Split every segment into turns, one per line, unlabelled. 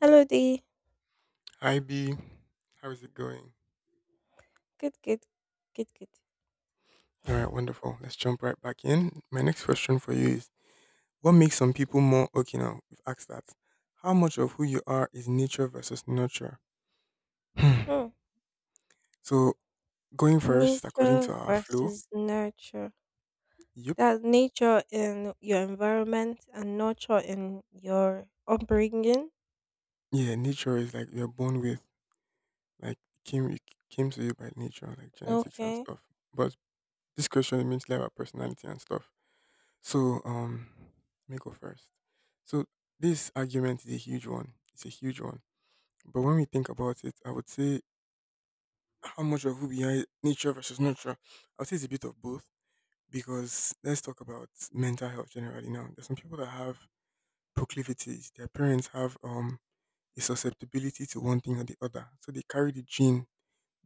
Hello there.
Hi B, how is it going?
Good, good, good, good.
All right, wonderful. Let's jump right back in. My next question for you is what makes some people more okay now? We've asked that. How much of who you are is nature versus nurture? Hmm.
Hmm.
So going first, according to
Nature
our flow,
versus nurture.
yep.
That nature in your environment and nurture in your upbringing.
Yeah, nature is like you're born with, like came it came to you by nature, like genetics and
Okay.
stuff. But this question means like about personality and stuff. So let me go first. So this argument is a huge one. It's a huge one. But when we think about it, I would say how much of who behind nature versus nurture. I would say it's a bit of both because let's talk about mental health generally now. There's some people that have proclivities. Their parents have a susceptibility to one thing or the other, so they carry the gene,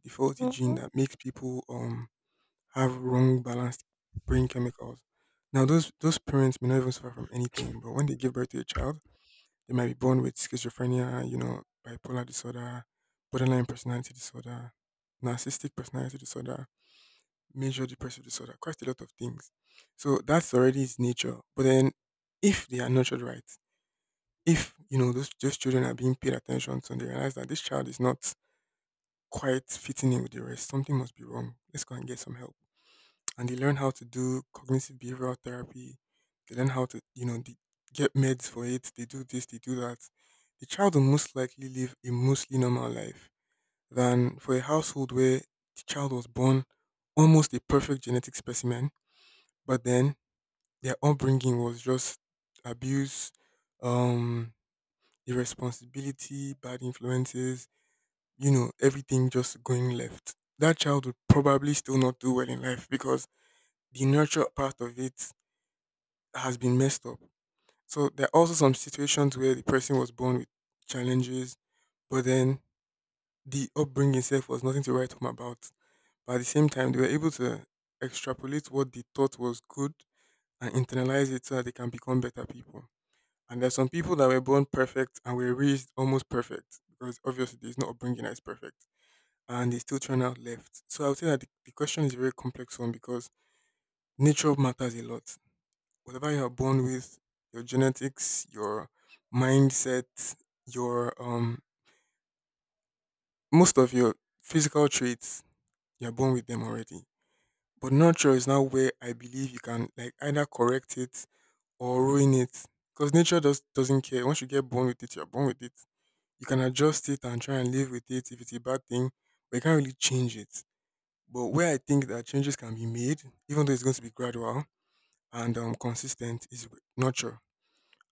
the faulty gene
Mm-hmm.
that makes people have wrong balanced brain chemicals. Now those parents may not even suffer from anything, but when they give birth to a child, they might be born with schizophrenia, you know, bipolar disorder, borderline personality disorder, narcissistic personality disorder, major depressive disorder, quite a lot of things. So that's already its nature. But then if they are nurtured right, if you know those children are being paid attention to and they realize that this child is not quite fitting in with the rest, something must be wrong. Let's go and get some help, and they learn how to do cognitive behavioral therapy. They learn how to, you know, they get meds for it. They do this, they do that. The child will most likely live a mostly normal life than for a household where the child was born almost a perfect genetic specimen, but then their upbringing was just abuse, um, irresponsibility, bad influences, you know, everything just going left. That child would probably still not do well in life because the nurture part of it has been messed up. So there are also some situations where the person was born with challenges, but then the upbringing itself was nothing to write home about. But at the same time, they were able to extrapolate what they thought was good and internalize it so that they can become better people. And there are some people that were born perfect and were raised almost perfect because obviously there's no upbringing that is perfect and they still turn out left. So I would say that the question is a very complex one because nature matters a lot. Whatever you are born with, your genetics, your mindset, your most of your physical traits, you're born with them already. But nurture is now where I believe you can like either correct it or ruin it. Because nature doesn't care. Once you get born with it, you're born with it. You can adjust it and try and live with it if it's a bad thing, but you can't really change it. But where I think that changes can be made, even though it's going to be gradual and consistent, is with nurture.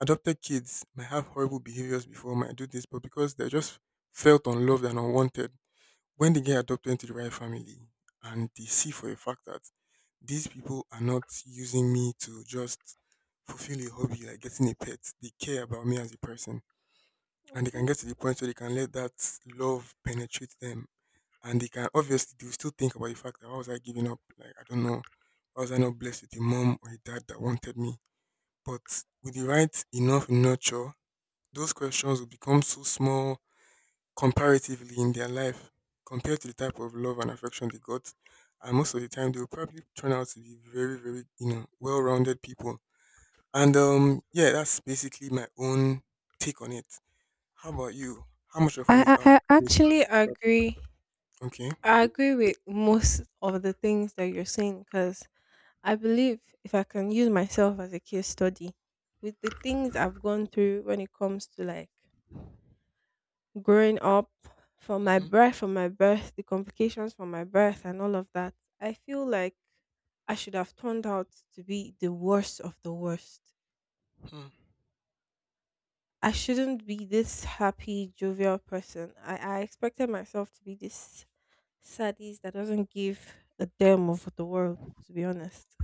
Adopted kids might have horrible behaviors before, might do this, but because they're just felt unloved and unwanted, when they get adopted into the right family and they see for a fact that these people are not using me to just fulfill a hobby like getting a pet, they care about me as a person. And they can get to
Mm-hmm.
the point where they can let that love penetrate them. And they can obviously they will still think about the fact that why was I giving up? Like I don't know. Why was I not blessed with a mom or a dad that wanted me? But with the right enough nurture those questions will become so small comparatively in their life compared to the type of love and affection they got. And most of the time, they will probably turn out to be very, very, you know, well-rounded people. And yeah, that's basically my own take on it. How about you? How much of who we
I,
are
I I
is
actually
natural?
agree.
Okay.
I agree with most of the things that you're saying because I believe if I can use myself as a case study with the things I've gone through when it comes to growing up
Mm-hmm.
from my birth, the complications from my birth, and all of that, I feel like I should have turned out to be the worst of the worst. I shouldn't be this happy, jovial person. I expected myself to be this sadist that doesn't give a damn of the world, to be honest.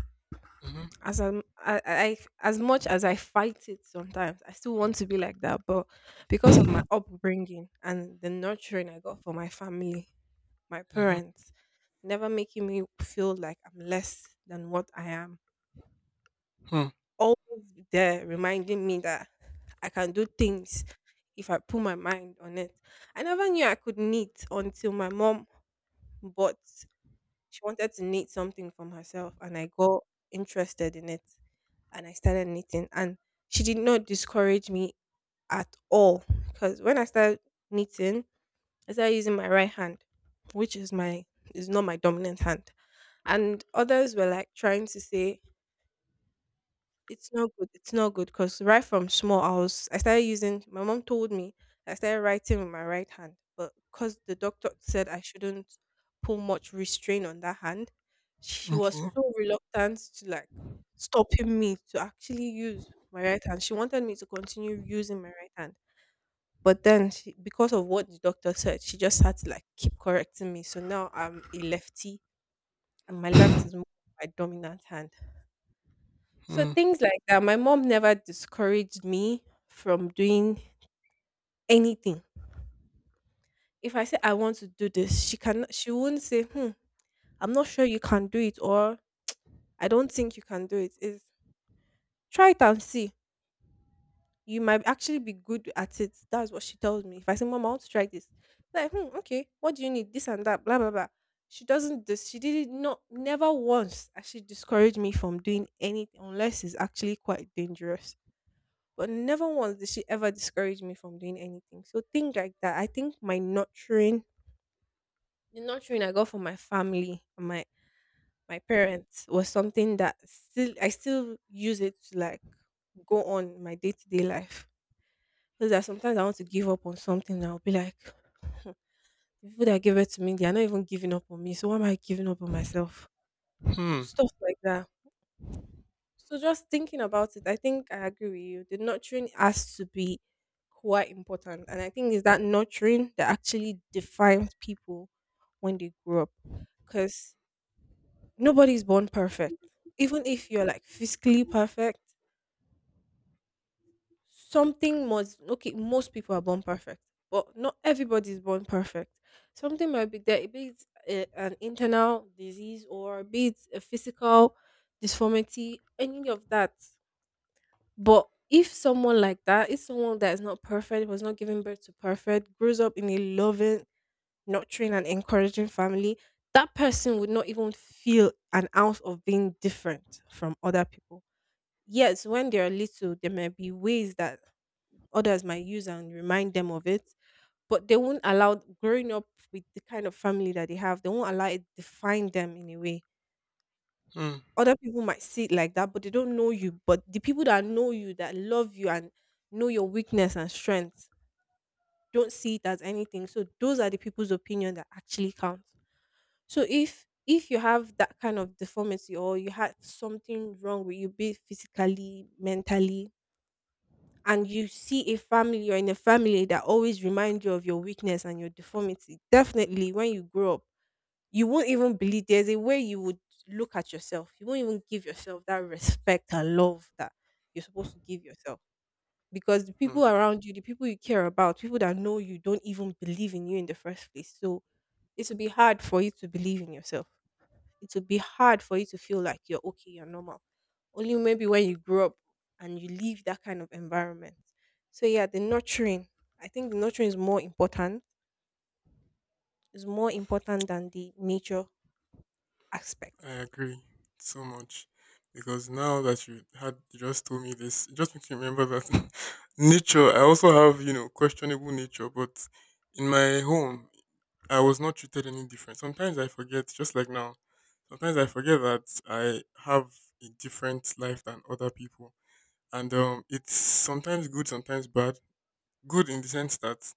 Mm-hmm.
As I'm, I as much as I fight it sometimes, I still want to be like that. But because of my upbringing and the nurturing I got from my family, my parents, never making me feel like I'm less than what I am,
Mm-hmm.
always there reminding me that I can do things if I put my mind on it. I never knew I could knit until my mom bought. She wanted to knit something from herself, and I got interested in it and I started knitting. And she did not discourage me at all because when I started knitting, I started using my right hand, which is my is not my dominant hand. And others were trying to say it's not good. It's not good because right from small, I started using. My mom told me I started writing with my right hand, but because the doctor said I shouldn't pull much restraint on that hand, she was
Okay.
so reluctant to stopping me to actually use my right hand. She wanted me to continue using my right hand, but then because of what the doctor said, she just had to keep correcting me. So now I'm a lefty, and my left is more my dominant hand. So things like that, my mom never discouraged me from doing anything. If I say I want to do this, she won't say, "Hmm, I'm not sure you can do it or I don't think you can do it. Is try it and see. You might actually be good at it." That's what she tells me. If I say, "Mom, I want to try this," like, "Hmm, okay, what do you need? This and that, blah blah blah." She doesn't this she did it not never once actually discouraged me from doing anything unless it's actually quite dangerous. But never once did she ever discourage me from doing anything. So things like that. I think my nurturing, the nurturing I got from my family and my parents was something that still I still use it to go on my day to day life. Because that sometimes I want to give up on something and I'll be like, the people that give it to me, they are not even giving up on me. So why am I giving up on myself?
Mm-hmm.
Stuff like that. So just thinking about it, I think I agree with you. The nurturing has to be quite important. And I think it's that nurturing that actually defines people when they grow up. Because nobody's born perfect. Even if you're like physically perfect, something must, most people are born perfect. But not everybody is born perfect. Something might be there, be it a, an internal disease or be it a physical disformity, any of that. But if someone like that, if someone that is not perfect, was not giving birth to perfect, grows up in a loving, nurturing, and encouraging family, that person would not even feel an ounce of being different from other people. Yes, when they are little, there may be ways that others might use and remind them of it, but they won't allow growing up with the kind of family that they have, they won't allow it define them in a way. Other people might see it like that, but they don't know you. But the people that know you, that love you and know your weakness and strength, don't see it as anything. So those are the people's opinion that actually counts. So if you have that kind of deformity or you had something wrong with you, be it physically, mentally, and you see a family or in a family that always remind you of your weakness and your deformity, definitely when you grow up you won't even believe. There's a way you would look at yourself. You won't even give yourself that respect and love that you're supposed to give yourself. Because the
Mm-hmm.
people around you, the people you care about, people that know you don't even believe in you in the first place. So it will be hard for you to believe in yourself. It will be hard for you to feel like you're okay, you're normal. Only maybe when you grow up and you leave that kind of environment. So yeah, the nurturing. I think the nurturing is more important. Is more important than the nature
I
aspect.
agree so much because now that you just told me this, it just makes me remember that nature. I also have you know questionable nature, but in my home, I was not treated any different. Sometimes I forget, just like now. Sometimes I forget that I have a different life than other people, and it's sometimes good, sometimes bad. Good in the sense that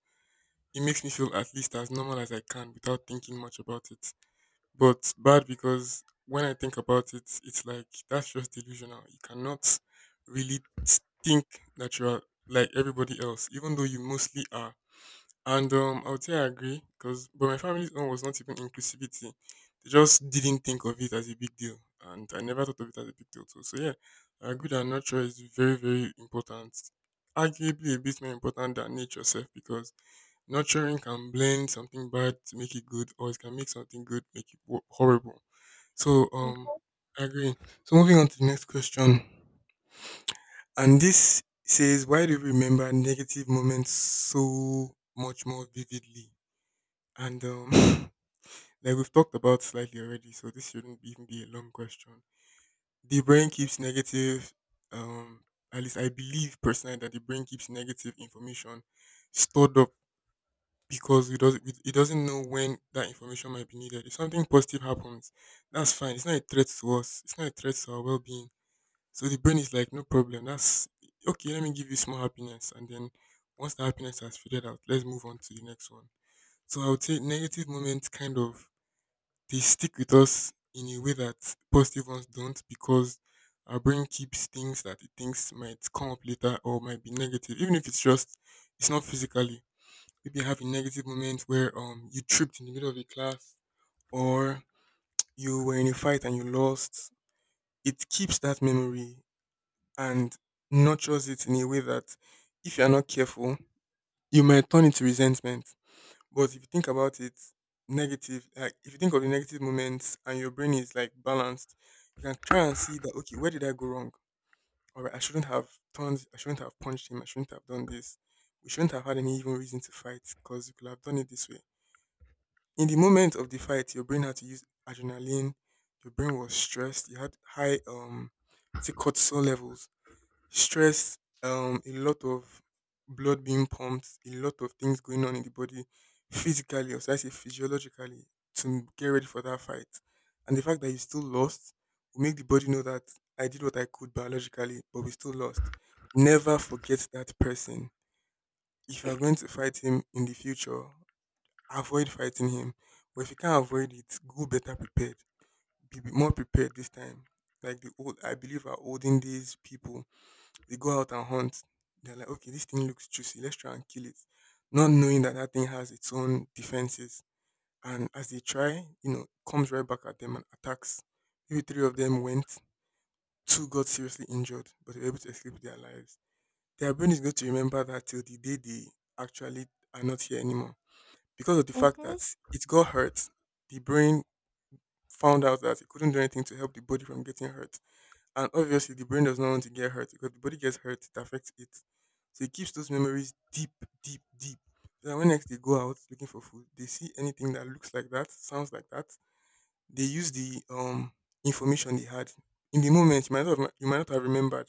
it makes me feel at least as normal as I can without thinking much about it, but bad because when I think about it, it's like that's just delusional. You cannot really think that you are like everybody else, even though you mostly are. And I would say I agree because, but my family's own was not even inclusivity. They just didn't think of it as a big deal, and I never thought of it as a big deal too. So yeah, I agree that nurture is very, very important. Arguably, a bit more important than nature itself because nurturing can blend something bad to make it good, or it can make something good make it horrible. So,
Mhm.
I agree. So, moving on to the next question. And this says, why do we remember negative moments so much more vividly? And like we've talked about slightly already, so this shouldn't be- even be a long question. The brain
Okay.
keeps negative, um, at least I believe personally that the brain keeps negative information stored up because it doesn't know when that information might be needed. If something positive happens, that's fine. It's not a threat to us. It's not a threat to our well being. So the brain is like, no problem. That's okay. Let me give you small happiness, and then once the happiness has faded out, let's move on to the next one. So I would say negative moments kind of they stick with us in a way that positive ones don't because our brain keeps things that it thinks might come up later or might be negative, even if it's just it's not physically maybe having negative moments where you tripped in the middle of a class or you were in a fight and you lost, it keeps that memory and nurtures it in a way that if you're not careful, you might turn into resentment. But if you think about it, negative, like if you think of the negative moments and your brain is like balanced, you can try and see that, okay, where did I go wrong? All right, I shouldn't have punched him, I shouldn't have done this. We shouldn't have had any even reason to fight because we could have done it this way in the moment of the fight, your brain had to use adrenaline. Your brain was stressed. You had high it's it cortisol levels, stress, a lot of blood being pumped, a lot of things going on in the body, physically, or should I say physiologically, to get ready for that fight. And the fact that you still lost will make the body know that I did what I could biologically, but we still lost. Never forget that person. If you are going to fight him in the future, avoid fighting him. But if you can't avoid it, go better prepared. Be more prepared this time. Like the old, I believe our olden days people, they go out and hunt. They're like, okay, this thing looks juicy. Let's try and kill it, not knowing that that thing has its own defenses. And as they try, you know, comes right back at them and attacks. Maybe three of them went. Two got seriously injured, but they were able to escape with their lives. Their brain is going to remember that till the day they actually are not here anymore because of the fact
Mhm,
that it got hurt, the brain found out that it couldn't do anything to help the body from getting hurt. And obviously, the brain does not want to get hurt because the body gets hurt, it affects it. So it keeps those memories deep, deep, deep. So that when next they go out looking for food, they see anything that looks like that, sounds like that. They use the information they had in the moment. You might not have, you might not have remembered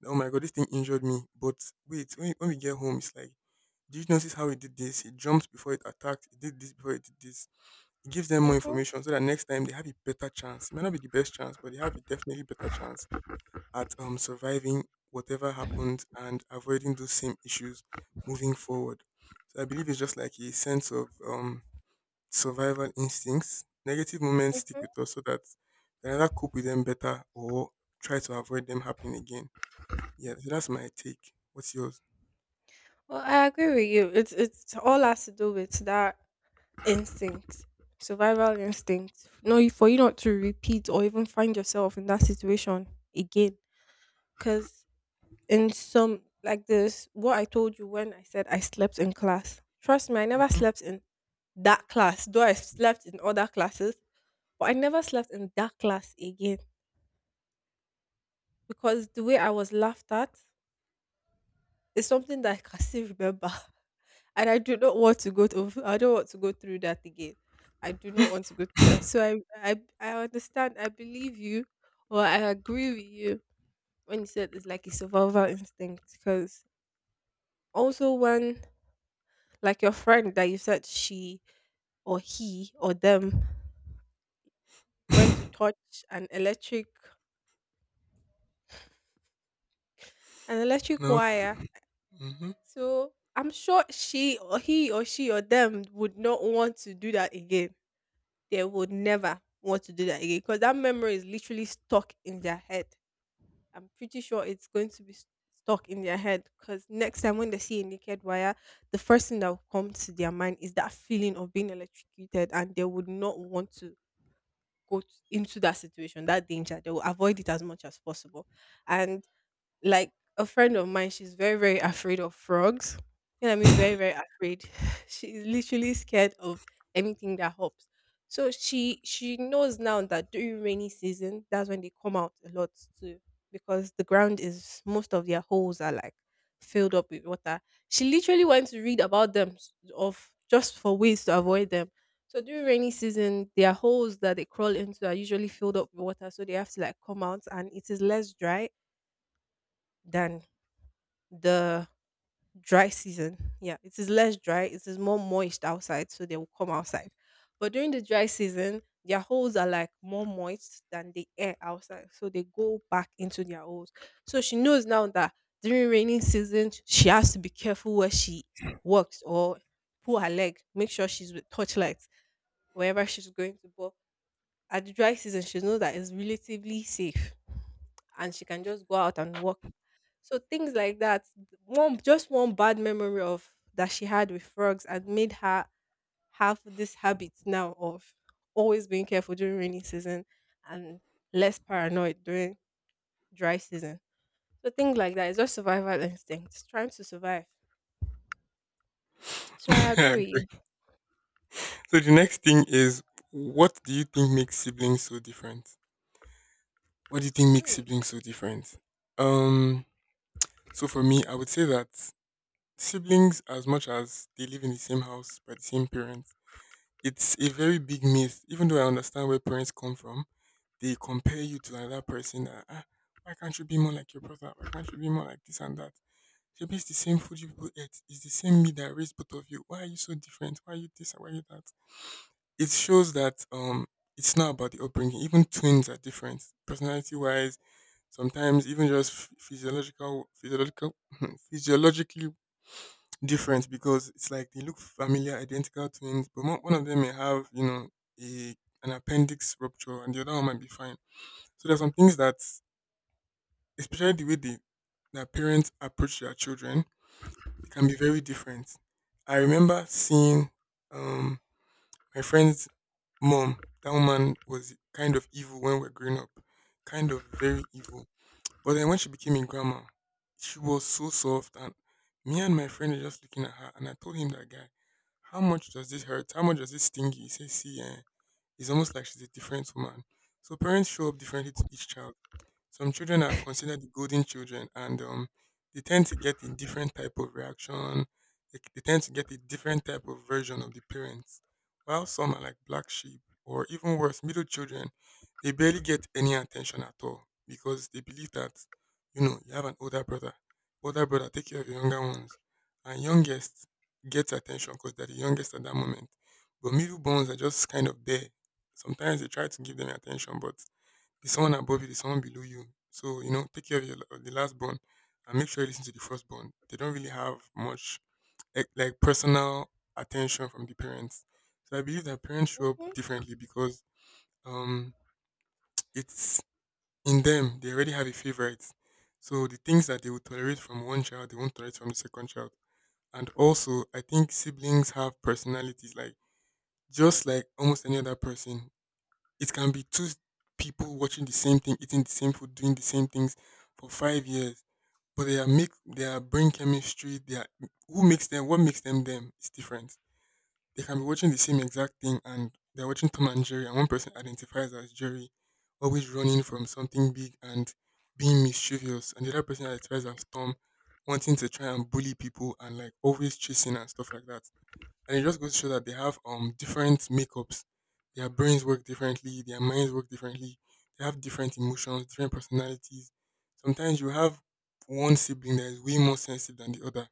that, oh my god, this thing injured me. But wait, when we get home, it's like, did you notice how it did this? It jumped before it attacked. It did this before it did this. It gives them more
mhm,
information so that next time they have a better chance. It might not be the best chance, but they have a definitely better chance at surviving whatever happened and avoiding those same issues moving forward. So I believe it's just like a sense of survival instincts. Negative moments stick
mhm.
with us so that we can either cope with them better or try to avoid them happening again. Yeah, so that's my take. What's yours?
Well, I agree with you. It's all has to do with that instinct, survival instinct. No, for you not to repeat or even find yourself in that situation again. Because in some like this, what I told you when I said I slept in class. Trust me, I never
Hmm.
slept in that class. Though I slept in other classes, but I never slept in that class again because the way I was laughed at, it's something that I can still remember, and I do not want to go to I don't want to go through that again. I do not want to go through that. So I understand. I believe you, or I agree with you when you said it's like a survival instinct. Because also when your friend that you said she or he or them went to touch an electric an electric
No.
wire, so I'm sure she or he or them would not want to do that again. They would never want to do that again because that memory is literally stuck in their head. I'm pretty sure it's going to be stuck in their head because next time when they see a naked wire, the first thing that will come to their mind is that feeling of being electrocuted, and they would not want to into that situation, that danger. They will avoid it as much as possible. And like a friend of mine, she's very, very afraid of frogs. You know what I mean? Very, very afraid. She's literally scared of anything that hops. So she knows now that during rainy season, that's when they come out a lot too. Because the ground is most of their holes are like filled up with water. She literally went to read about them of just for ways to avoid them. So during rainy season, their holes that they crawl into are usually filled up with water, so they have to like come out, and it is less dry than the dry season. Yeah, it is less dry, it is more moist outside, so they will come outside. But during the dry season, their holes are like more moist than the air outside, so they go back into their holes. So she knows now that during rainy season, she has to be careful where she works or pull her leg, make sure she's with torchlights wherever she's going to. But at the dry season, she knows that it's relatively safe and she can just go out and walk. So things like that, one bad memory of that she had with frogs had made her have this habit now of always being careful during rainy season and less paranoid during dry season. So things like that is just survival instincts, trying to survive. So I agree
Hmm.
with you.
So the next thing is, what do you think makes siblings so different? What do you think makes
Hmm.
siblings so different? Um, so for me, I would say that siblings, as much as they live in the same house by the same parents, it's a very big myth. Even though I understand where parents come from, they compare you to another person. That, ah, why can't you be more like your brother? Why can't you be more like this and that? Maybe it's the same food you people ate. It's the same meat that raised both of you. Why are you so different? Why are you this and why are you that? It shows that it's not about the upbringing. Even twins are different, personality wise. Sometimes even just physiological, physiological, physiologically different because it's like they look familiar, identical twins, but one of them may have, you know, a an appendix rupture, and the other one might be fine. So there's some things that, especially the way they, their parents approach their children, it can be very different. I remember seeing um my friend's mom, that woman was kind of evil when we were growing up, kind of very evil. But then when she became a grandma, she was so soft, and me and my friend were just looking at her, and I told him that guy, how much does this hurt? How much does this sting you? He says, see, eh, it's almost like she's a different woman. So parents show up differently to each child. Some children are considered the golden children, and they tend to get a different type of reaction. They tend to get a different type of version of the parents. While some are like black sheep, or even worse, middle children, they barely get any attention at all because they believe that, you know, you have an older brother. Older brother, take care of your younger ones. And youngest gets attention because they're the youngest at that moment. But middle bones are just kind of there. Sometimes they try to give them your attention, but there's someone above you, there's someone below you. So, you know, take care of, your, of the last born and make sure you listen to the first born. They don't really have much like personal attention from the parents. So I believe that parents show up
Mhm,
differently because, um, it's in them. They already have a favorite. So the things that they will tolerate from one child, they won't tolerate from the second child. And also, I think siblings have personalities like just like almost any other person. It can be two people watching the same thing, eating the same food, doing the same things for 5 years, but their brain chemistry, their who makes them, what makes them them is different. They can be watching the same exact thing, and they're watching Tom and Jerry, and one person identifies as Jerry, always running from something big and being mischievous, and the other person identifies as Tom, wanting to try and bully people and like always chasing and stuff like that. And it just goes to show that they have different makeups. Their brains work differently, their minds work differently, they have different emotions, different personalities. Sometimes you have one sibling that is way more sensitive than the other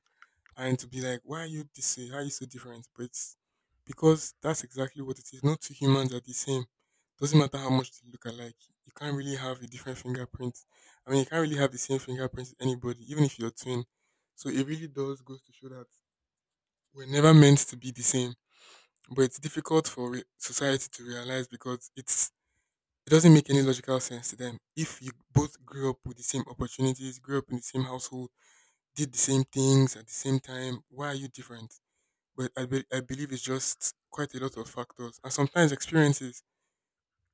and to be like, why are you this way? Why are you so different? But it's because that's exactly what it is. No two humans are the same. Doesn't matter how much they look alike. You can't really have a different fingerprint. I mean, you can't really have the same fingerprint as anybody, even if you're twin. So it really does goes to show that we're never meant to be the same, but it's difficult for society to realize because it's it doesn't make any logical sense to them. If you both grew up with the same opportunities, grew up in the same household, did the same things at the same time, why are you different? But I believe it's just quite a lot of factors and sometimes experiences.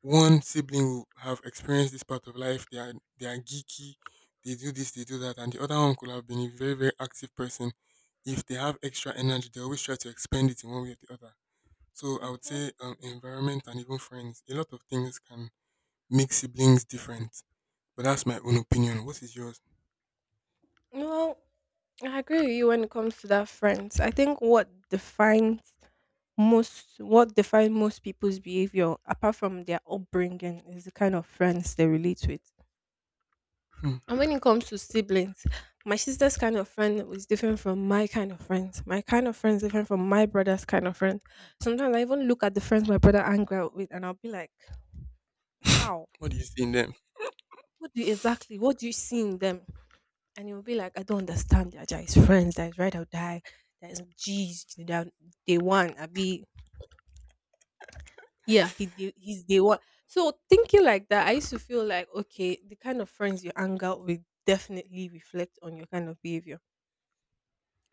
One sibling will have experienced this part of life. They are geeky. They do this, they do that, and the other one could have been a very very active person. If they have extra energy, they always try to expend it in one way or the other. So I would
mhm.
say, environment and even friends. A lot of things can make siblings different. But that's my own opinion. What is yours?
Well, I agree with you when it comes to that friends. I think what define most people's behavior apart from their upbringing is the kind of friends they relate with.
Hmm.
And when it comes to siblings, my sister's kind of friend was different from my kind of friends, my kind of friends different from my brother's kind of friend. Sometimes I even look at the friends my brother hang out with and I'll be like, how
What do you see in them?
what do you exactly, what do you see in them? And he will be like, "I don't understand, they're friends that is right or die, that is G's, that they want I be." Yeah, he's day one. So thinking like that, I used to feel like okay, the kind of friends you hang out with definitely reflect on your kind of behavior.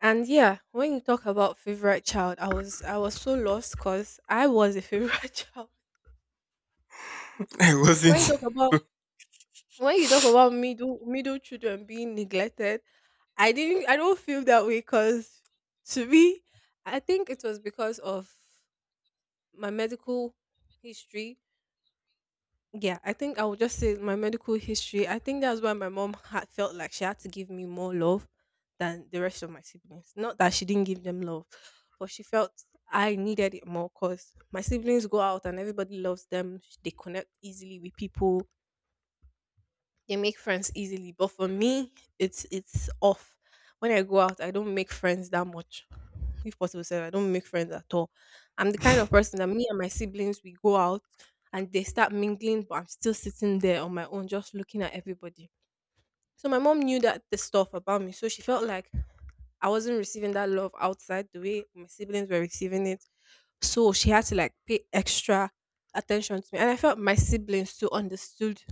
And yeah, when you talk about favorite child, I was so lost because I was a favorite child.
I
When you
wasn't.
talk about
Okay.
middle children being neglected, I don't feel that way because to me, I think it was because of my medical history. Yeah, I think I would just say my medical history. I think that's why my mom had felt like she had to give me more love than the rest of my siblings. Not that she didn't give them love, but she felt I needed it more because my siblings go out and everybody loves them. They connect easily with people. They make friends easily, but for me, it's off. When I go out, I don't make friends that much. If possible, sir, I don't make friends at all. I'm the kind of person that me and my siblings, we go out and they start mingling, but I'm still sitting there on my own, just looking at everybody. So my mom knew that the stuff about me, so she felt like I wasn't receiving that love outside the way my siblings were receiving it. So she had to like pay extra attention to me. And I felt my siblings too understood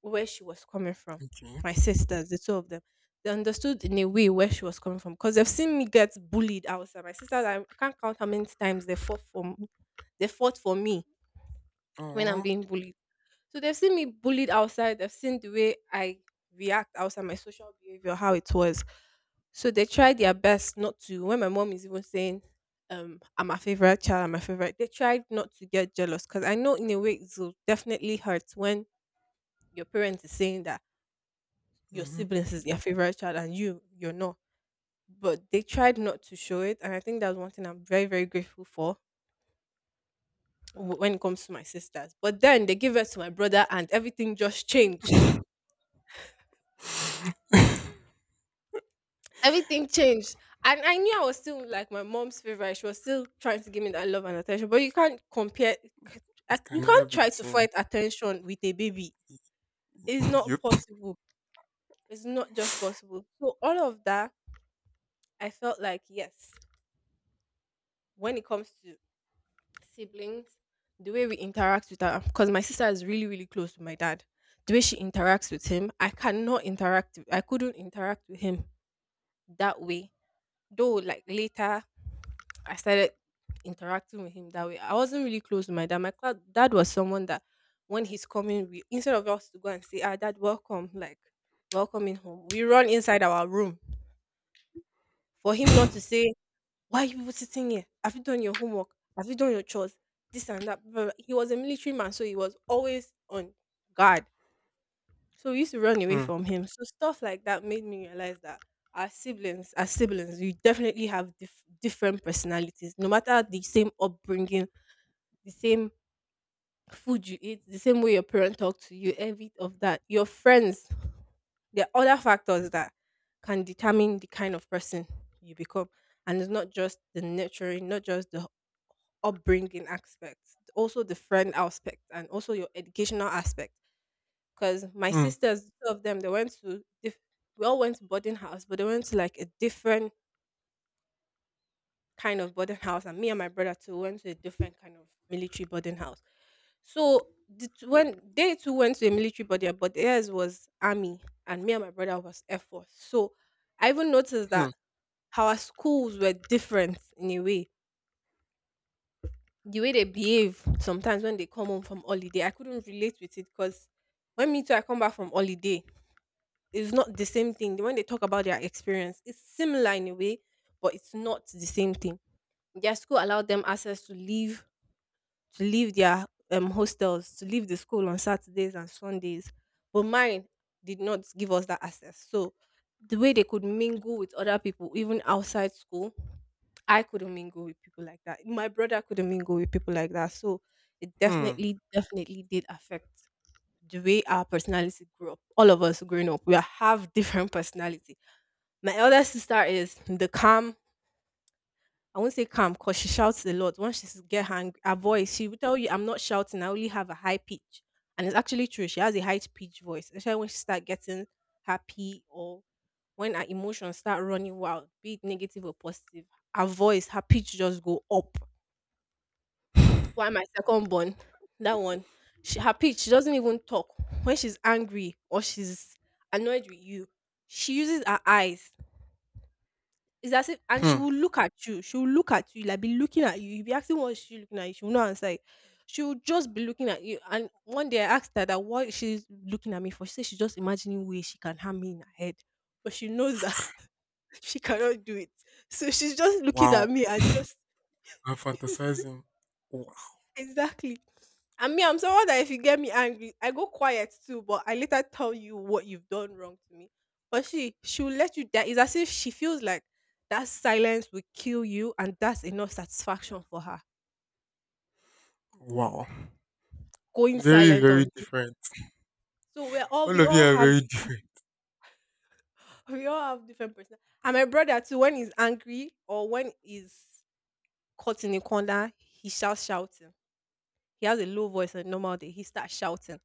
where she was coming from. My sisters, the two of them, they understood in a way where she was coming from because they've seen me get bullied outside. My sisters, I can't count how many times they fought for me. They fought for me when I'm
Oh.
being bullied. So they've seen me bullied outside. They've seen the way I react outside, my social behavior, how it was. So they tried their best not to. When my mom is even saying, "I'm my favorite child, I'm my favorite," they tried not to get jealous because I know in a way it will definitely hurt when your parents is saying that your
Hmm.
siblings is their favorite child and you're not, but they tried not to show it. And I think that's one thing I'm very grateful for when it comes to my sisters. But then they gave it to my brother and everything just changed.
It
Everything changed. And I knew I was still like my mom's favorite. She was still trying to give me that love and attention, but you can't compare. c- you
can never
can't
be the
try to
same.
fight attention with a baby. It's not
Yep.
possible. It's not just possible. So all of that, I felt like yes, when it comes to siblings, the way we interact with her, because my sister is really, really close to my dad. The way she interacts with him, I cannot interact I couldn't interact with him that way. Though, like later, I started interacting with him that way. I wasn't really close to my dad. Dad was someone that when he's coming, we, instead of us to go and say, "Ah, dad, welcome," like welcoming home, we run inside our room for him not to say, why are you people sitting here? Have you done your homework? Have you done your chores? This and that. Blah, blah, blah. He was a military man, so he was always on guard. So we used to run away
Hmm.
from him. So stuff like that made me realize that our siblings, as siblings, we definitely have different personalities. No matter the same upbringing, the same food you eat, the same way your parent talk to you, every of that. Your friends, there are other factors that can determine the kind of person you become, and it's not just the nurturing, not just the upbringing aspect, also the friend aspect, and also your educational aspect. Because my
Hmm.
sisters, two of them, they went to we all went to boarding house, but they went to like a different kind of boarding house, and me and my brother too went to a different kind of military boarding house. So when they two went to a military boarding, but theirs was army, and me and my brother was air force. So I even noticed
Hmm.
that our schools were different in a way. The way they behave sometimes when they come home from holiday, I couldn't relate with it because when me too, I come back from holiday, it's not the same thing. When they talk about their experience, it's similar in a way, but it's not the same thing. Their school allowed them access to leave their hostels, to leave the school on Saturdays and Sundays. But mine did not give us that access. So the way they could mingle with other people, even outside school, I couldn't mingle with people like that. My brother couldn't mingle with people like that. So it
Hmm.
definitely, definitely did affect the way our personality grew up. All of us growing up, we have different personality. My elder sister is the calm, I won't say calm because she shouts a lot. Once she get hang, her voice, she will tell you, "I'm not shouting. I only have a high pitch," and it's actually true. She has a high pitch voice, especially when she start getting happy or when her emotions start running wild, be it negative or positive. Her voice, her pitch just go up. Why my second born, that one, she, her pitch, she doesn't even talk when she's angry or she's annoyed with you. She uses her eyes. It's as if, and she
Hmm.
will look at you. She will look at you. Like be looking at you. You'll be asking what is she looking at you. She will not answer it. She will just be looking at you. And one day I asked her that what she's looking at me for. She said she's just imagining ways she can harm me in her head. But she knows that she cannot do it. So she's just looking
Wow.
at me and just
I'm fantasizing. Wow.
exactly. And me, I'm someone that if you get me angry, I go quiet too, but I later tell you what you've done wrong to me. But she, she'll let you die. It's as if she feels like that silence will kill you, and that's enough satisfaction for her.
Wow.
Going
Very,
silent
very
on you.
different.
So
All
we
of you
all
are
have
very different.
we all have different person. And my brother too, when he's angry or when he's caught in a corner, he shouts shouting. He has a low voice on normal day. He starts shouting.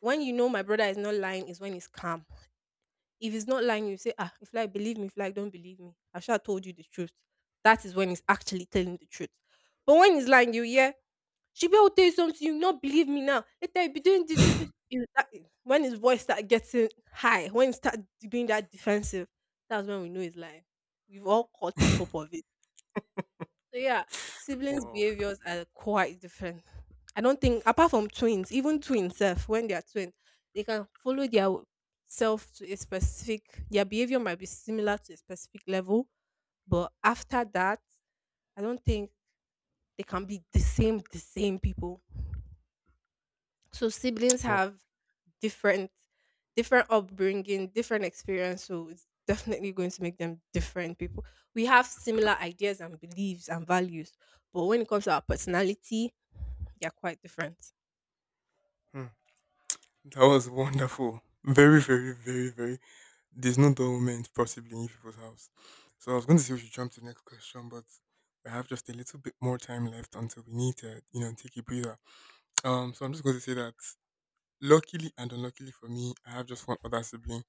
When you know my brother is not lying, is when he's calm. If he's not lying, you say, ah, if you like, believe me. If you like, don't believe me. I should have told you the truth. That is when he's actually telling the truth. But when he's lying, you hear, she will tell you something, you not believe me now. Later, you be doing this. You be-" When his voice start getting high, when he start being that defensive, that's when we know he's lying. We've all caught scope of it. So yeah, siblings'
Wow.
behaviors are quite different. I don't think apart from twins, even twins self, when they are twins, they can follow their self to a specific, their behavior might be similar to a specific level, but after that, I don't think they can be the same people. So siblings
Wow.
have different different upbringing, different experience, so it's definitely going to make them different people. We have similar ideas and beliefs and values, but when it comes to our personality, they're quite different.
Hmm. That was wonderful. Very, very, very, very. There's no dull moment possibly in you people's house. So I was going to say we should jump to the next question, but we have just a little bit more time left until we need to, you know, take a breather. So I'm just going to say that luckily and unluckily for me, I have just one other sibling.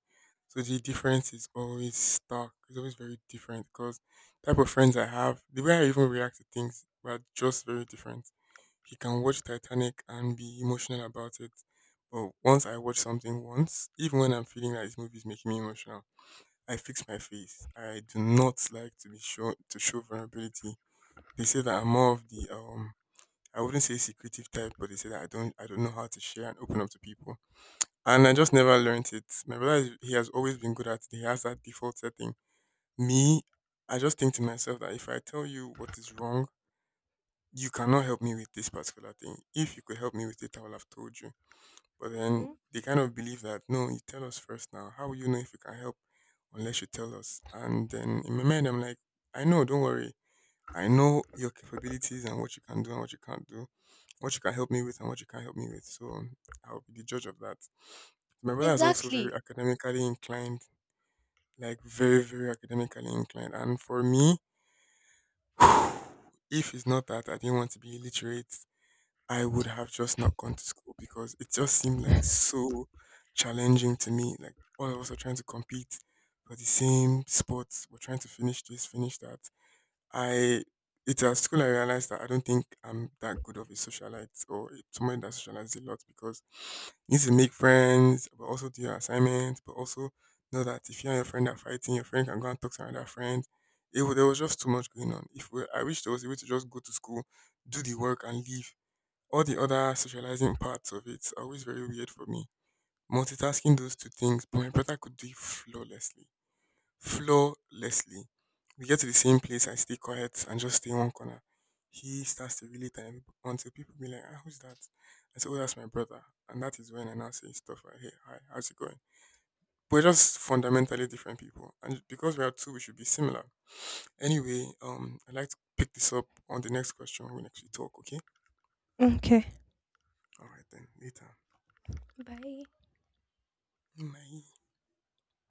So the difference is always stark. It's always very different because type of friends I have, the way I even react to things, were just very different. He can watch Titanic and be emotional about it. But once I watch something once, even when I'm feeling like this movie is making me emotional, I fix my face. I do not like to be show vulnerability. They say that I'm more of the I wouldn't say secretive type, but they say that I don't know how to share and open up to people. And I just never learned it. My brother is, he has always been good at it. He has that default setting. Me, I just think to myself that if I tell you what is wrong, you cannot help me with this particular thing. If you could help me with it, I would have told you. But then
Hmm.
they kind of believe that, no, you tell us first now. How will you know if you can help unless you tell us? And then in my mind, I'm like, I know, don't worry. I know your capabilities and what you can do and what you can't do, what you can help me with and what you can't help me with. So I'll be the judge of that. My brother is also very
Exactly.
academically inclined, like very, very academically inclined. And for me, if it's not that, I didn't want to be illiterate, I would have just not gone to school because it just seemed like so challenging to me. Like all of us are trying to compete for the same sports. We're trying to finish this, finish that. I It's at school I realized that I don't think I'm that good of a socialite or somebody that socializes a lot because you need to make friends, but also do your assignments, but also know that if you and your friend are fighting, your friend can go and talk to another friend. There was just too much going on. If we, I wish there was a way to just go to school, do the work and leave. All the other socializing parts of it are always very weird for me. Multitasking those two things, but my brother could do it flawlessly. Flawlessly. We get to the same place, I stay quiet and just stay in one corner. He starts to relate and until people be like, ah, who's that? I say, oh, that's my brother. And that is when I now say stuff like, hey, hi, how's it going? We're just fundamentally different people. And because we are two, we should be similar. Anyway, I'd like to pick this up on the next question when we actually talk, okay?
Okay.
All right, then, later.
Bye.
Bye.